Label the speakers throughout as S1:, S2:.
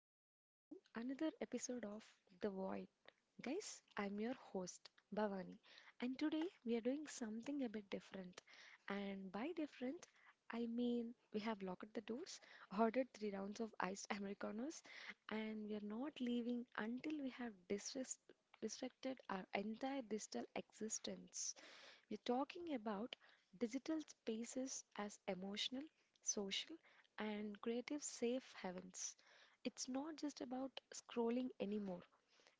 S1: Welcome back to another episode of The Void. Guys, I'm your host, Bhavani, and today we are doing something a bit different. And by different, I mean we have locked the doors, ordered three rounds of iced Americanos, and we are not leaving until we have disrespected our entire digital existence. We're talking about digital spaces as emotional, social, and creative safe havens. It's not just about scrolling anymore,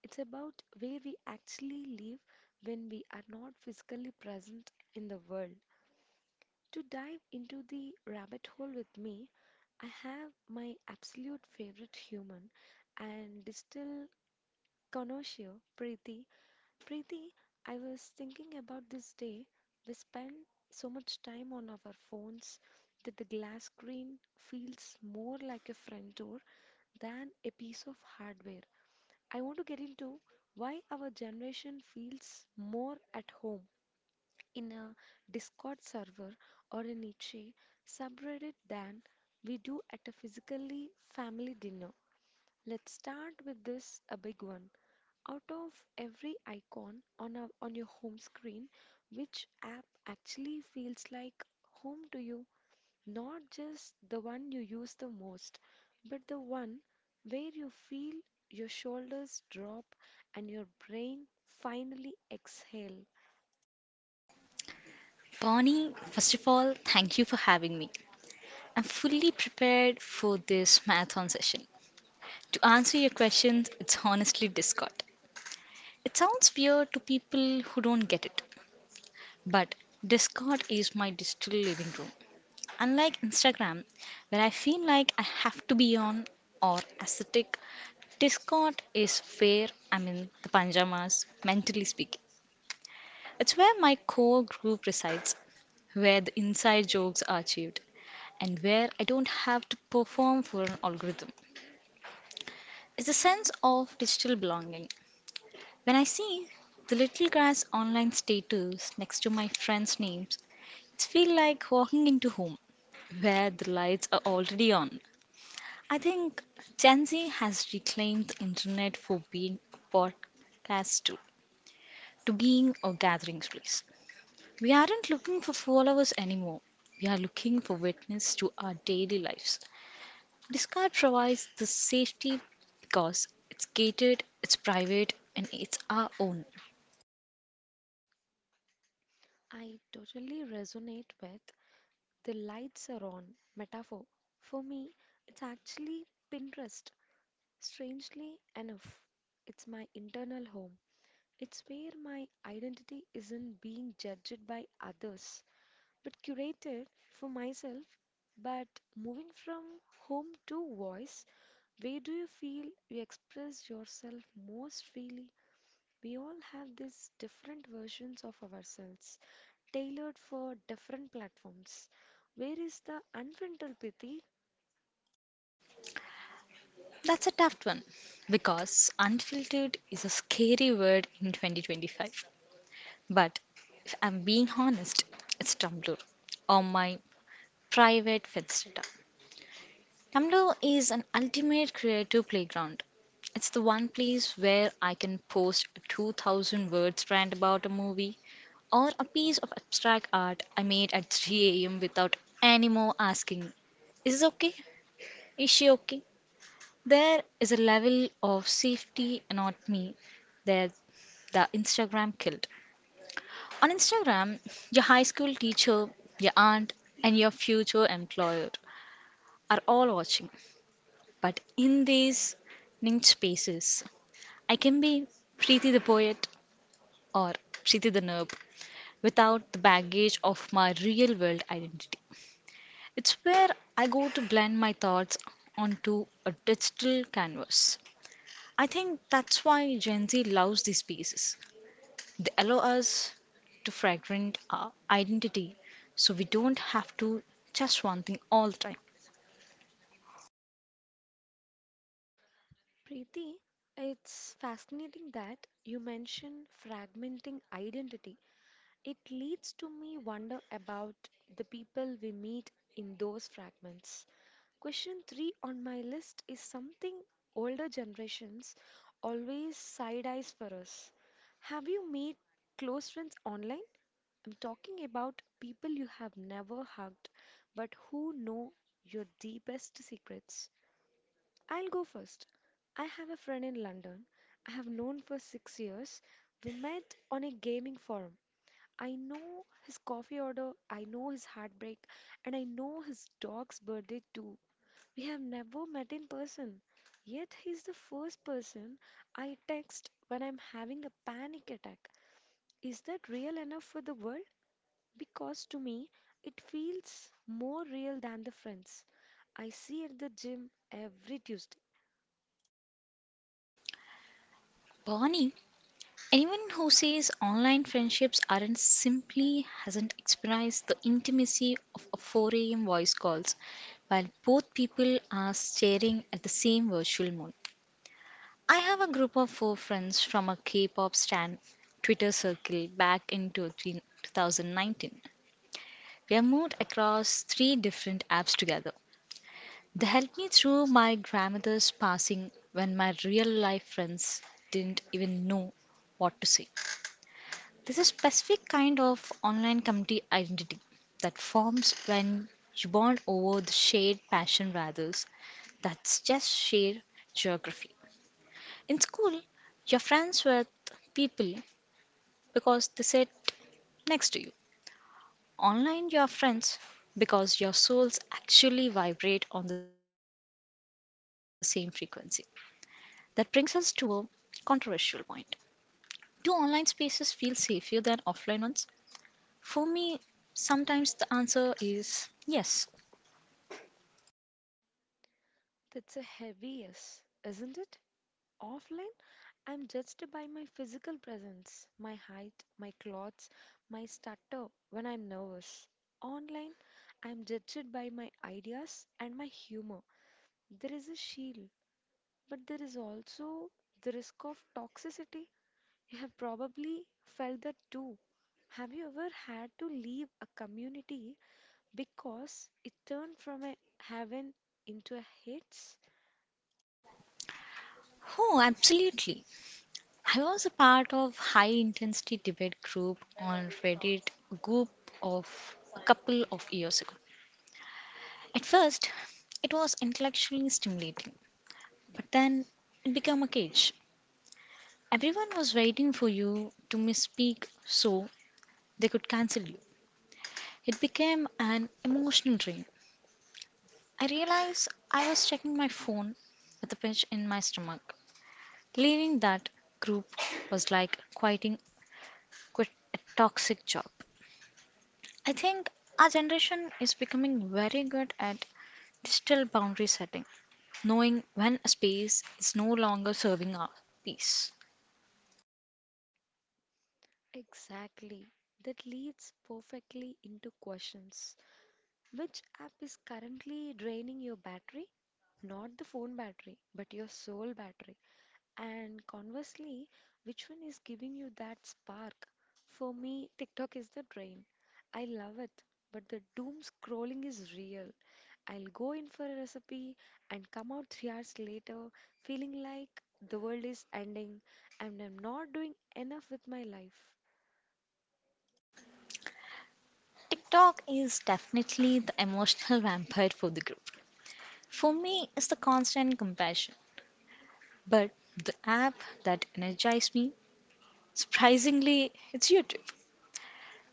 S1: it's about where we actually live when we are not physically present in the world. To dive into the rabbit hole with me, I have my absolute favorite human and digital connoisseur, Preeti, Preeti, I was thinking about this day. We spend so much time on our phones that the glass screen feels more like a front door than a piece of hardware. I want to get into why our generation feels more at home in a Discord server or a Nietzsche subreddit than we do at a physically family dinner. Let's start with this a big one. Out of every icon on your home screen, which app actually feels like home to you? Not just the one you use the most, but the one where you feel your shoulders drop and your brain finally exhale.
S2: Bonnie, first of all, thank you for having me. I'm fully prepared for this marathon session. To answer your questions, it's honestly Discord. It sounds weird to people who don't get it, but Discord is my digital living room. Unlike Instagram, where I feel like I have to be on or aesthetic, Discord is where I'm in the pajamas, mentally speaking. It's where my core group resides where the inside jokes are achieved, and where I don't have to perform for an algorithm. It's a sense of digital belonging. When I see the little guy's online status next to my friends' names, it feels like walking into home where the lights are already on. I think Gen Z has reclaimed the internet for being a podcast tool, to being a gathering space. We aren't looking for followers anymore. We are looking for witness to our daily lives. Discard provides the safety because it's gated, it's private, and it's our own.
S1: I totally resonate with the lights are on metaphor. For me, it's actually Pinterest. Strangely enough, it's my internal home. It's where my identity isn't being judged by others, but curated for myself. But moving from home to voice, where do you feel you express yourself most freely? We all have these different versions of ourselves, tailored for different platforms. Where is the unfiltered Preeti?
S2: That's a tough one because unfiltered is a scary word in 2025. But if I'm being honest, it's Tumblr or my private Finstata. Tumblr is an ultimate creative playground. It's the one place where I can post a 2,000 word words rant about a movie or a piece of abstract art I made at 3 a.m. without any more asking, is this okay? Is she okay? There is a level of safety anatomy that the Instagram killed. On Instagram, your high school teacher, your aunt, and your future employer are all watching. But in these niche spaces, I can be Preeti the poet or Preeti the nerd without the baggage of my real world identity. It's where I go to blend my thoughts onto a digital canvas. I think that's why Gen Z loves these spaces. They allow us to fragment our identity so we don't have to just one thing all the time.
S1: Preeti, it's fascinating that you mention fragmenting identity. It leads to me wonder about the people we meet in those fragments. Question 3 on my list is something older generations always side eyes for us. Have you made close friends online? I'm talking about people you have never hugged but who know your deepest secrets. I'll go first. I have a friend in London I have known for 6 years. We met on a gaming forum. I know his coffee order, I know his heartbreak, and I know his dog's birthday too. We have never met in person, yet he's the first person I text when I'm having a panic attack. Is that real enough for the world? Because to me, it feels more real than the friends I see at the gym every Tuesday.
S2: Bonnie, anyone who says online friendships aren't simply hasn't experienced the intimacy of a 4 a.m. voice calls while both people are staring at the same virtual moon. I have a group of four friends from a K pop stan Twitter circle back in 2019. We have moved across three different apps together. They helped me through my grandmother's passing when my real life friends didn't even know what to say. There's a specific kind of online community identity that forms when you bond over the shared passion rather that's just shared geography. In school, you're friends with people because they sit next to you. Online, you're friends because your souls actually vibrate on the same frequency. That brings us to a controversial point. Do online spaces feel safer than offline ones? For me, sometimes the answer is yes.
S1: That's a heavy yes, isn't it? Offline? I'm judged by my physical presence, my height, my clothes, my stutter when I'm nervous. Online, I'm judged by my ideas and my humor. There is a shield, but there is also the risk of toxicity. You have probably felt that too. Have you ever had to leave a community because it turned from a heaven into a hates?
S2: Oh, absolutely. I was a part of high intensity debate group on Reddit group of a couple of years ago. At first, it was intellectually stimulating, but then it became a cage. Everyone was waiting for you to misspeak so they could cancel you. It became an emotional drain. I realized I was checking my phone with a pinch in my stomach. Leaving that group was like quitting quit a toxic job. I think our generation is becoming very good at digital boundary setting, knowing when a space is no longer serving our peace.
S1: Exactly. That leads perfectly into questions. Which app is currently draining your battery? Not the phone battery, but your soul battery. And conversely, which one is giving you that spark? For me, TikTok is the drain. I love it, but the doom scrolling is real. I'll go in for a recipe and come out 3 hours later feeling like the world is ending and I'm not doing enough with my life.
S2: TikTok is definitely the emotional vampire for the group. For me, it's the constant compassion. But the app that energized me, surprisingly, it's YouTube,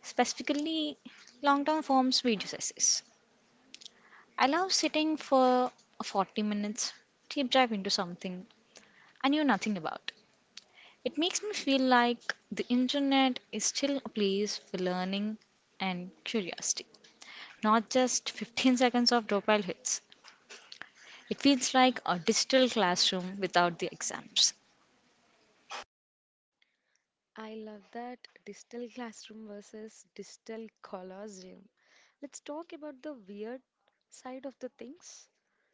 S2: specifically long term forms video essays. I love sitting for 40 minutes, deep dive into something I knew nothing about. It makes me feel like the internet is still a place for learning and curiosity, not just 15 seconds of dopamine hits. It feels like a digital classroom without the exams.
S1: I love that, digital classroom versus digital colosseum. Let's talk about the weird side of the things.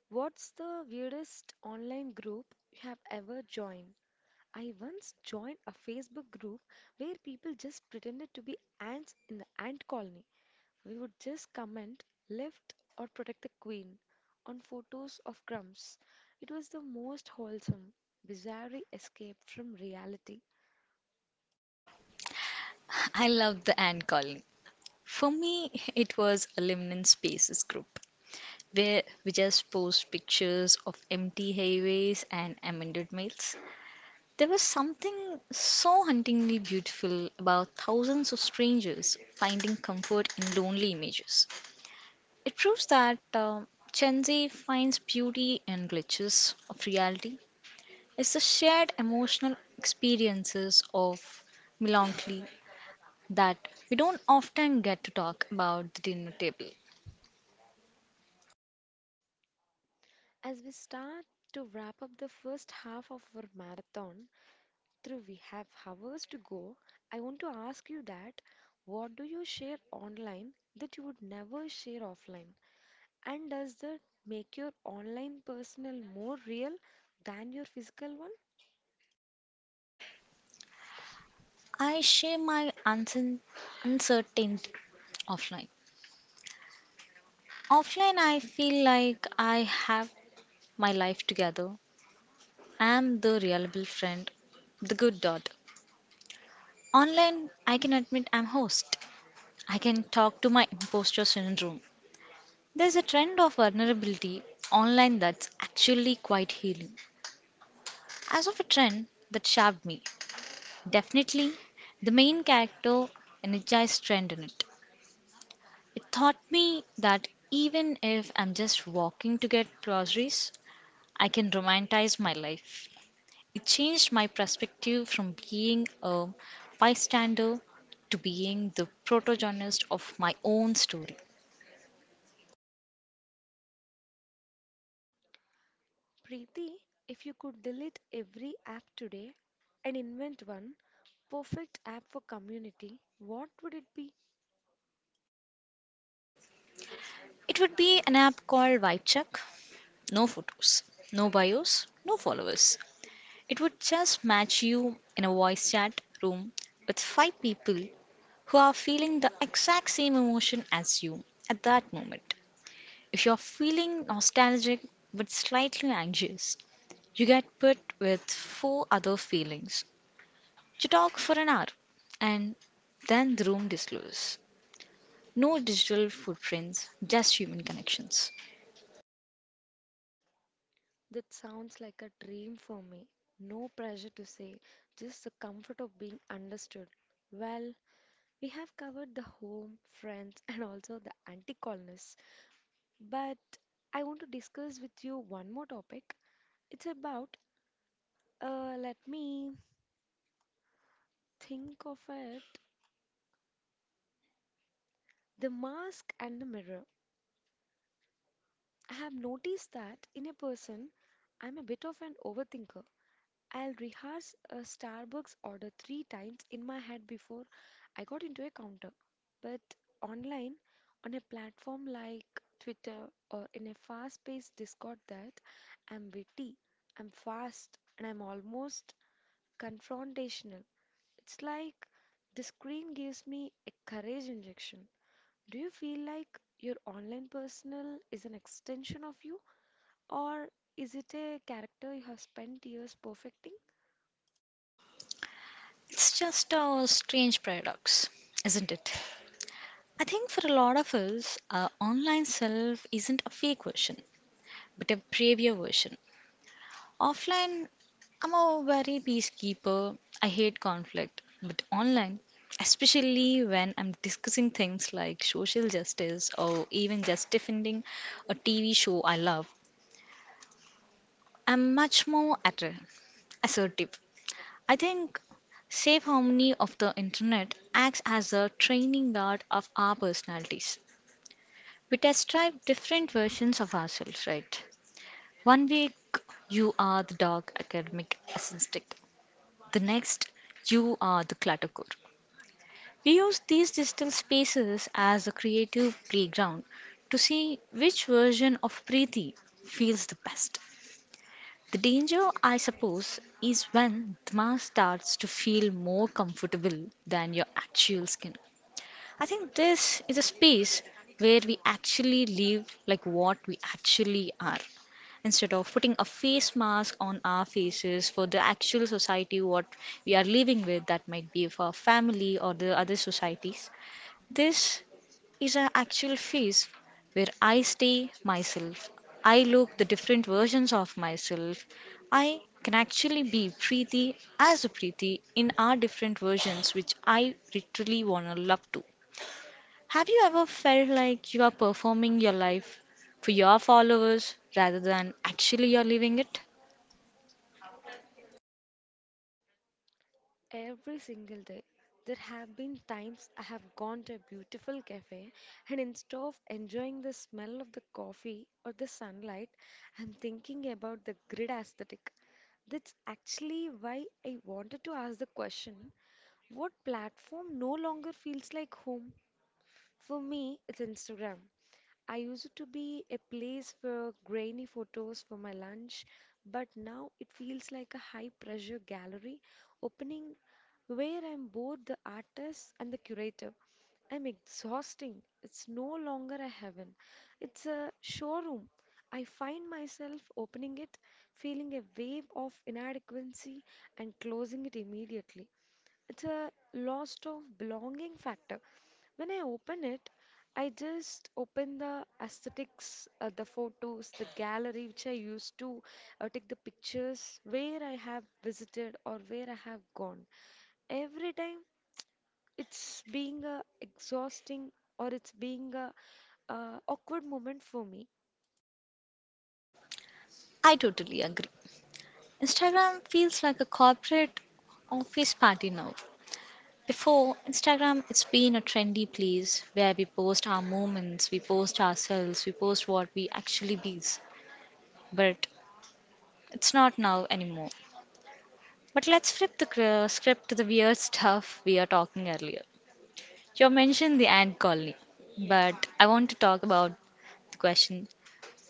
S1: What's the weirdest online group you have ever joined? I once joined a Facebook group where people just pretended to be ants in the ant colony. We would just comment left or protect the queen on photos of crumbs. It was the most wholesome, bizarre escape from reality.
S2: I love the ant colony. For me, it was a Limnin Spaces group where we just post pictures of empty highways and amended mails. There was something so hauntingly beautiful about thousands of strangers finding comfort in lonely images. It proves that Gen Z finds beauty in glitches of reality. It's the shared emotional experiences of melancholy that we don't often get to talk about the dinner table.
S1: As we start to wrap up the first half of our marathon, Dhruv, we have hours to go. I want to ask you that what do you share online that you would never share offline? And does that make your online personal more real than your physical one?
S2: I share my uncertainty offline. Offline, I feel like I have my life together. I'm the reliable friend, the good daughter. Online, I can admit I'm host. I can talk to my imposter syndrome. There's a trend of vulnerability online that's actually quite healing, as of a trend that shaped me. Definitely, the main character energized trend in it. It taught me that even if I'm just walking to get groceries, I can romanticize my life. It changed my perspective from being a bystander to being the protagonist of my own story.
S1: Preeti, if you could delete every app today and invent one perfect app for community, what would it be?
S2: It would be an app called Vibe Check. No photos, no bios, no followers. It would just match you in a voice chat room with five people who are feeling the exact same emotion as you at that moment. If you're feeling nostalgic but slightly anxious, you get put with four other feelings. You talk for an hour and then the room dissolves. No digital footprints, just human connections.
S1: That sounds like a dream for me. No pressure to say, just the comfort of being understood. Well, we have covered the home, friends, and also the anti colonists. But I want to discuss with you one more topic. It's about, let me think of it, the mask and the mirror. I have noticed that in a person, I'm a bit of an overthinker. I'll rehearse a Starbucks order three times in my head before I got into a counter. But online, on a platform like Twitter or in a fast paced Discord, that I'm witty, I'm fast, and I'm almost confrontational. It's like the screen gives me a courage injection. Do you feel like your online personal is an extension of you, or is it a character you have spent years perfecting?
S2: It's just a strange paradox, isn't it? I think for a lot of us, our online self isn't a fake version, but a braver version. Offline, I'm a very peacekeeper. I hate conflict. But online, especially when I'm discussing things like social justice or even just defending a TV show I love, I'm much more assertive. I think safe harmony of the internet acts as a training guard of our personalities. We test drive different versions of ourselves, right? 1 week you are the dog academic assistant, the next you are the cluttercore. We use these digital spaces as a creative playground to see which version of Preeti feels the best. The danger, I suppose, is when the mask starts to feel more comfortable than your actual skin. I think this is a space where we actually live like what we actually are instead of putting a face mask on our faces for the actual society what we are living with that might be for our family or the other societies. This is an actual phase where I stay myself. I look the different versions of myself. I can actually be Preeti as a Preeti in our different versions, which I literally want to love to. Have you ever felt like you are performing your life for your followers rather than actually you're living it?
S1: Every single day, there have been times I have gone to a beautiful cafe and instead of enjoying the smell of the coffee or the sunlight, I'm thinking about the grid aesthetic. That's actually why I wanted to ask the question, what platform no longer feels like home? For me, it's Instagram. I used it to be a place for grainy photos for my lunch, but now it feels like a high pressure gallery opening where I'm both the artist and the curator. I'm exhausting. It's no longer a heaven. It's a showroom. I find myself opening it, feeling a wave of inadequacy, and closing it immediately. It's a loss of belonging factor. When I open it, I just open the aesthetics, the photos, the gallery which I used to take the pictures where I have visited or where I have gone. Every time it's being a exhausting or it's being a awkward moment for me.
S2: I totally agree. Instagram feels like a corporate office party now. Before Instagram, it's been a trendy place where we post our moments, we post ourselves, we post what we actually be. But it's not now anymore. But let's flip the script to the weird stuff we are talking earlier. You mentioned the ant colony, but I want to talk about question,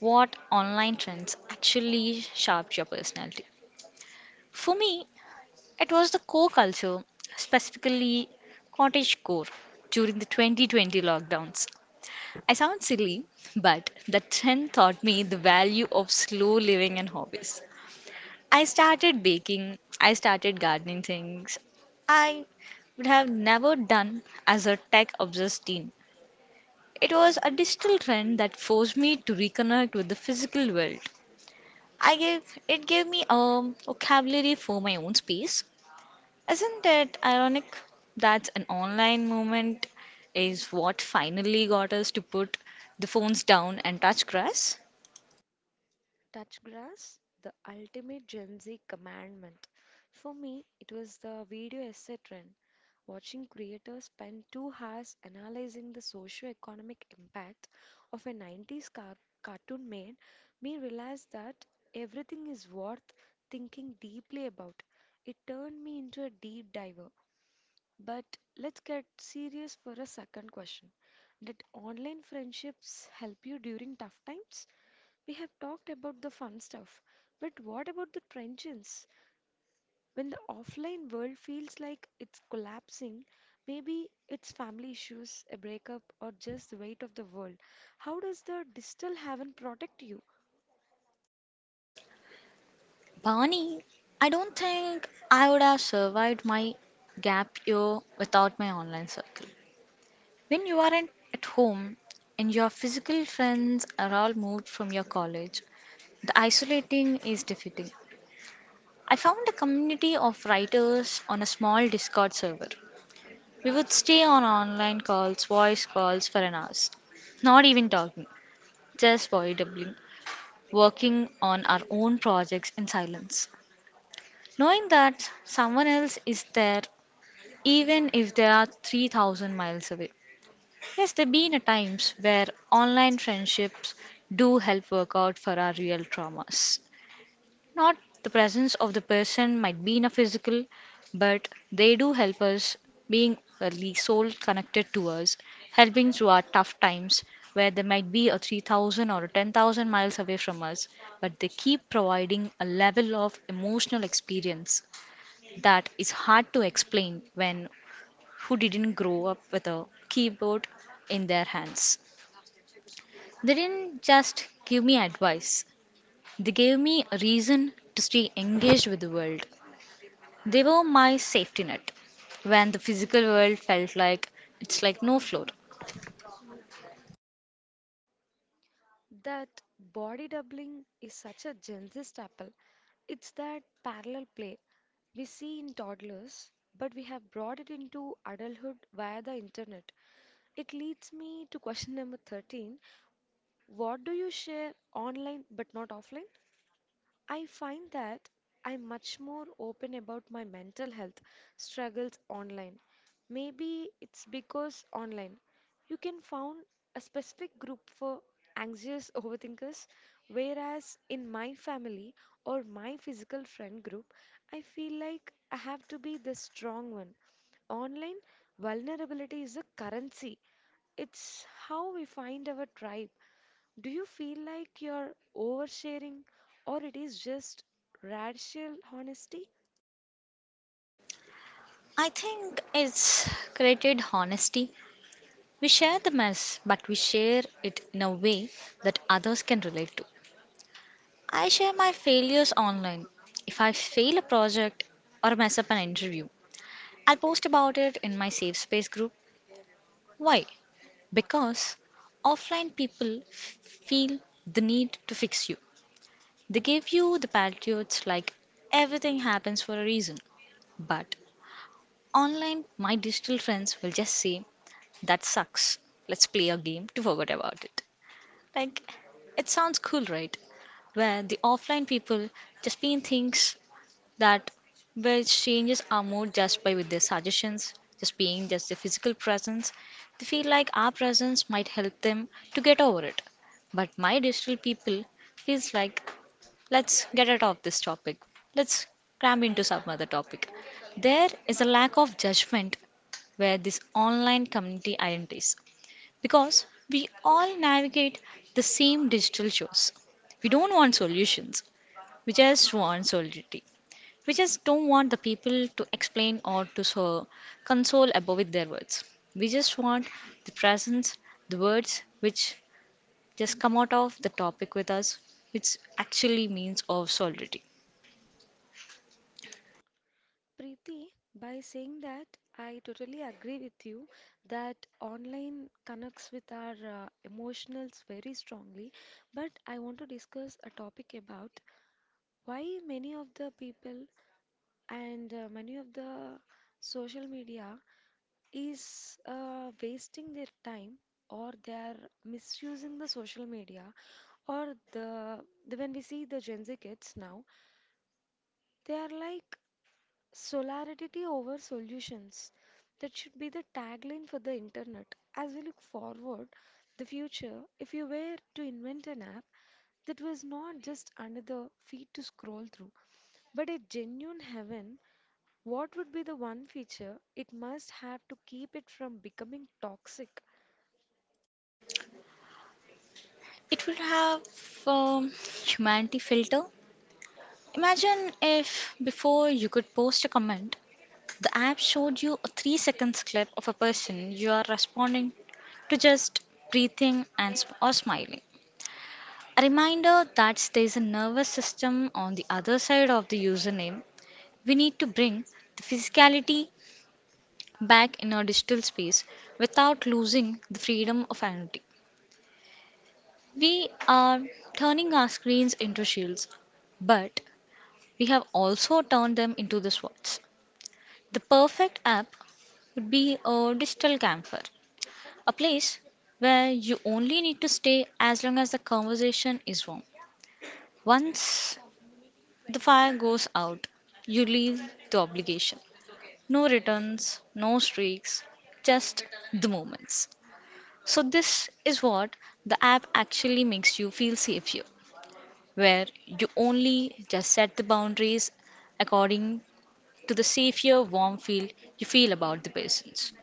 S2: what online trends actually shaped your personality? For me, it was the core culture, specifically cottage core, during the 2020 lockdowns. I sound silly, but that trend taught me the value of slow living and hobbies. I started baking, I started gardening things I would have never done as a tech obsessed teen. It was a digital trend that forced me to reconnect with the physical world. I gave it gave me a vocabulary for my own space. Isn't it ironic that an online moment is what finally got us to put the phones down and touch grass?
S1: Touch grass, the ultimate Gen Z commandment. For me, it was the video essay trend. Watching creators spend 2 hours analyzing the socio-economic impact of a 90s cartoon made me realize that everything is worth thinking deeply about. It turned me into a deep diver. But let's get serious for a second question. Did online friendships help you during tough times? We have talked about the fun stuff, but what about the trenches? When the offline world feels like it's collapsing, maybe it's family issues, a breakup, or just the weight of the world. How does the digital haven protect you?
S2: Barney, I don't think I would have survived my gap year without my online circle. When you aren't at home and your physical friends are all moved from your college, the isolating is defeating. I found a community of writers on a small Discord server. We would stay on online calls, voice calls for an hour. Not even talking, just doubling, working on our own projects in silence. Knowing that someone else is there, even if they are 3,000 miles away. Yes, there have been a times where online friendships do help work out for our real traumas. Not the presence of the person might be in a physical, but they do help us being early soul connected to us, helping through our tough times where they might be a 3,000 or a 10,000 miles away from us, but they keep providing a level of emotional experience that is hard to explain when who didn't grow up with a keyboard in their hands. They didn't just give me advice, they gave me a reason to stay engaged with the world. They were my safety net when the physical world felt like it's like no floor.
S1: That body doubling is such a Gen Z staple. It's that parallel play we see in toddlers, but we have brought it into adulthood via the internet. It leads me to question number 13. What do you share online but not offline? I find that I'm much more open about my mental health struggles online. Maybe it's because online you can found a specific group for anxious overthinkers, whereas in my family or my physical friend group, I feel like I have to be the strong one. Online vulnerability is a currency. It's how we find our tribe. Do you feel like you're oversharing or it is just radical honesty?
S2: I think it's created honesty. We share the mess, but we share it in a way that others can relate to. I share my failures online. If I fail a project or mess up an interview, I'll post about it in my safe space group. Why? Because offline people feel the need to fix you. They gave you the platitudes like everything happens for a reason. But online, my digital friends will just say, that sucks. Let's play a game to forget about it. Like, it sounds cool, right? Where the offline people just pin things that which changes our mood just by with their suggestions, just being just the physical presence. They feel like our presence might help them to get over it. But my digital people feels like let's get out of this topic. Let's cram into some other topic. There is a lack of judgment where this online community identities because we all navigate the same digital shows. We don't want solutions. We just want solidarity. We just don't want the people to explain or to so console above with their words. We just want the presence, the words which just come out of the topic with us, which actually means of solidarity.
S1: Preeti, by saying that, I totally agree with you that online connects with our emotionals very strongly. But I want to discuss a topic about why many of the people and many of the social media is wasting their time or they are misusing the social media. Or the when we see the Gen Z kids now, they are like solidarity over solutions. That should be the tagline for the internet. As we look forward, the future, if you were to invent an app that was not just another feed to scroll through, but a genuine heaven, what would be the one feature it must have to keep it from becoming toxic?
S2: It will have um, humanity filter. Imagine if before you could post a comment, the app showed you a 3 seconds clip of a person you are responding to just breathing and or smiling. A reminder that there's a nervous system on the other side of the username. We need to bring the physicality back in our digital space without losing the freedom of anonymity. We are turning our screens into shields, but we have also turned them into the swords. The perfect app would be a digital campfire, a place where you only need to stay as long as the conversation is warm. Once the fire goes out, you leave the obligation. No returns, no streaks, just the moments. So, this is what the app actually makes you feel safe here, where you only just set the boundaries according to the safer, warm feel you feel about the persons.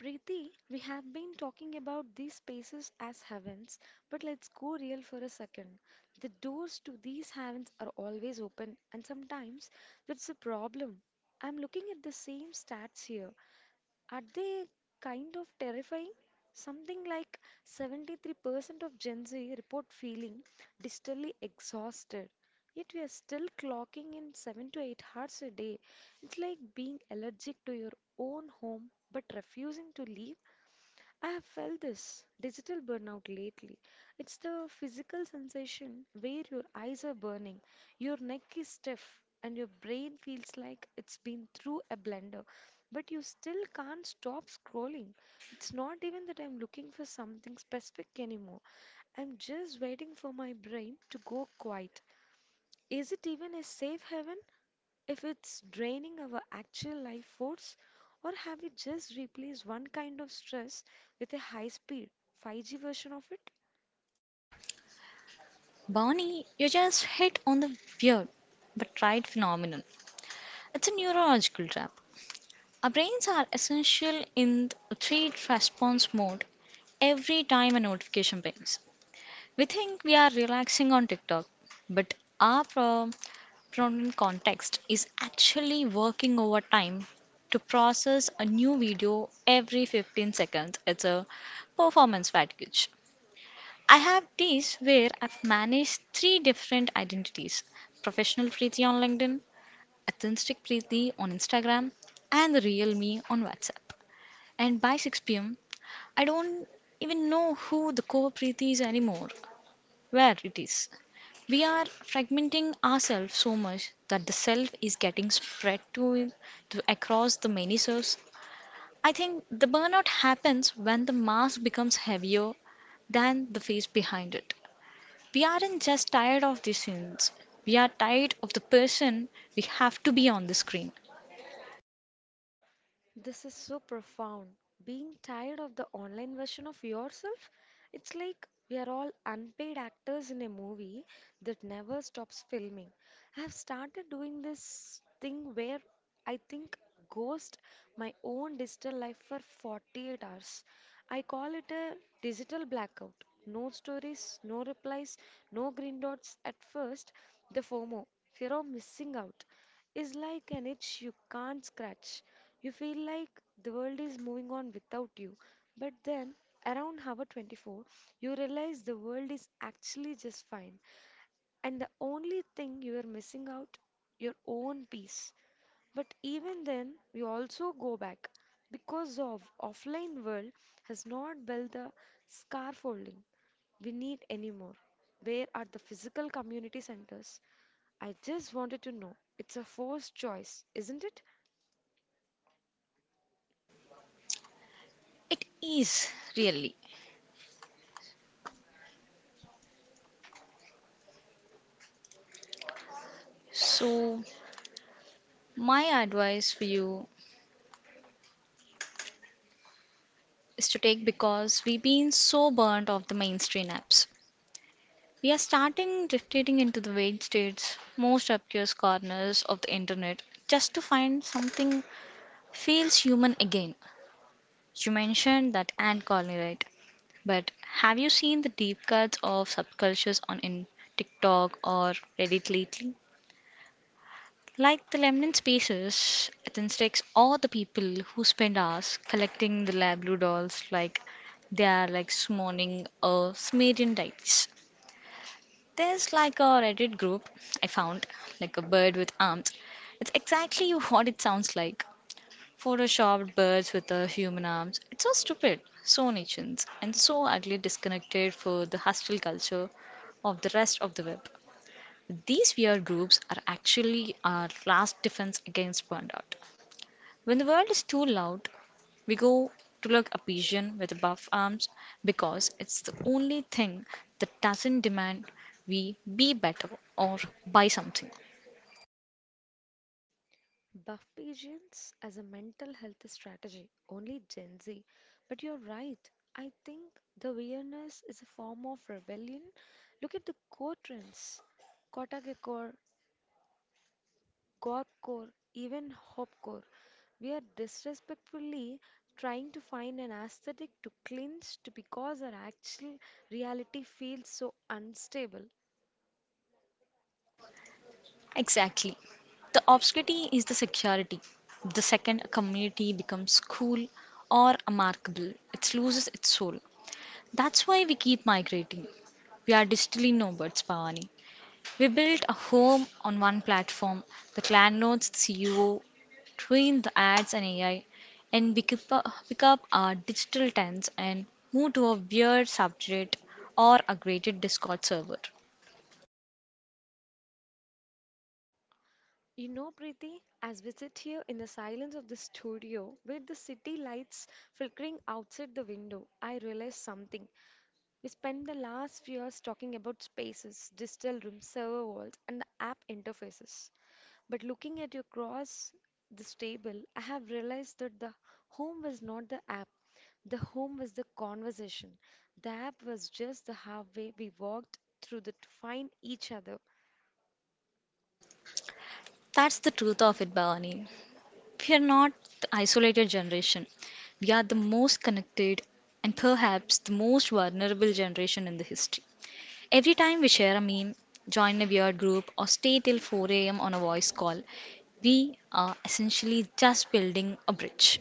S1: Preeti, we have been talking about these spaces as heavens, but let's go real for a second. The doors to these heavens are always open, and sometimes that's a problem. I'm looking at the same stats here. Are they kind of terrifying? Something like 73% of Gen Z report feeling distally exhausted. Yet we are still clocking in 7 to 8 hours a day. It's like being allergic to your own home but refusing to leave. I have felt this digital burnout lately. It's the physical sensation where your eyes are burning, your neck is stiff, and your brain feels like it's been through a blender, but you still can't stop scrolling. It's not even that I'm looking for something specific anymore. I'm just waiting for my brain to go quiet. Is it even a safe haven if it's draining our actual life force, or have we just replaced one kind of stress with a high speed 5G version of it?
S2: Barney, you just hit on the weird but right phenomenon. It's a neurological trap. Our brains are essential in the threat response mode every time a notification pings. We think we are relaxing on TikTok, but our prominent context is actually working overtime to process a new video every 15 seconds. It's a performance fatigue. I have days where I've managed three different identities professional Preeti on LinkedIn, authentic Preeti on Instagram, and the real me on WhatsApp. And by 6 p.m., I don't even know who the core Preeti is anymore, where it is. We are fragmenting ourselves so much that the self is getting spread to across the many selves. I think the burnout happens when the mask becomes heavier than the face behind it. We aren't just tired of the scenes, we are tired of the person we have to be on the screen.
S1: This is so profound. Being tired of the online version of yourself, it's like we are all unpaid actors in a movie that never stops filming. I have started doing this thing where I think ghost my own digital life for 48 hours. I call it a digital blackout. No stories, no replies, no green dots. At first, the FOMO, fear of missing out, is like an itch you can't scratch. You feel like the world is moving on without you. But then, around hour 24, you realize the world is actually just fine. And the only thing you are missing out, your own peace. But even then, we also go back because of offline world has not built the scaffolding we need anymore. Where are the physical community centers? I just wanted to know. It's a forced choice, isn't it?
S2: It is really. So, my advice for you is to take because we've been so burnt of the mainstream apps. We are starting drifting into the vague states, most obscure corners of the internet, just to find something feels human again. You mentioned that ant colony, right? But have you seen the deep cuts of subcultures on in TikTok or Reddit lately? Like the Lemnian Spaces, Athensticks, or the people who spend hours collecting the Lablu dolls like they are like summoning a Sumerian deities. There's like a Reddit group I found, like a bird with arms. It's exactly what it sounds like. Photoshopped birds with human arms. It's so stupid, so niche, and so utterly disconnected for the hostile culture of the rest of the web. These weird groups are actually our last defense against burnout. When the world is too loud, we go to look a pigeon with buff arms because it's the only thing that doesn't demand we be better or buy something.
S1: Buffbasians as a mental health strategy, only Gen Z. But you're right. I think the weirdness is a form of rebellion. Look at the core trends. Kotakecore, Gorecore, even Hopcore. We are disrespectfully trying to find an aesthetic to clinch to because our actual reality feels so unstable.
S2: Exactly. The obscurity is the security. The second a community becomes cool or remarkable, it loses its soul. That's why we keep migrating. We are digitally nomads, Pavani. We built a home on one platform, the clan notes, the CEO, train the ads and AI, and we keep pick up our digital tents and move to a weird subject or a graded Discord server.
S1: You know, Preeti, as we sit here in the silence of the studio with the city lights flickering outside the window, I realized something. We spent the last few years talking about spaces, digital rooms, server walls, and the app interfaces. But looking at you across this table, I have realized that the home was not the app. The home was the conversation. The app was just the halfway we walked to find each other.
S2: That's the truth of it, Bhavani. We are not the isolated generation. We are the most connected and perhaps the most vulnerable generation in the history. Every time we share a meme, join a weird group, or stay till 4 a.m. on a voice call, we are essentially just building a bridge.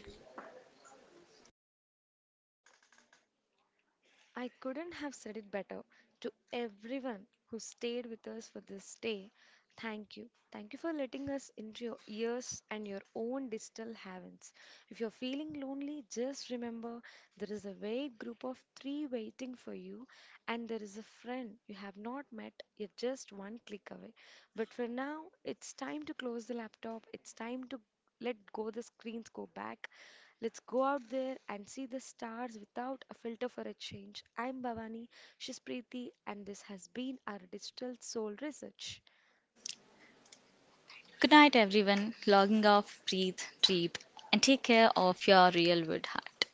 S1: I couldn't have said it better. To everyone who stayed with us for this day, thank you. Thank you for letting us into your ears and your own digital heavens. If you're feeling lonely, just remember there is a wait group of three waiting for you, and there is a friend you have not met. You're just one click away. But for now, it's time to close the laptop. It's time to let go the screens, go back. Let's go out there and see the stars without a filter for a change. I'm Bhavani, she's Preeti, and this has been our Digital Soul Research.
S2: Good night, everyone. Logging off, breathe, deep, and take care of your real wood heart.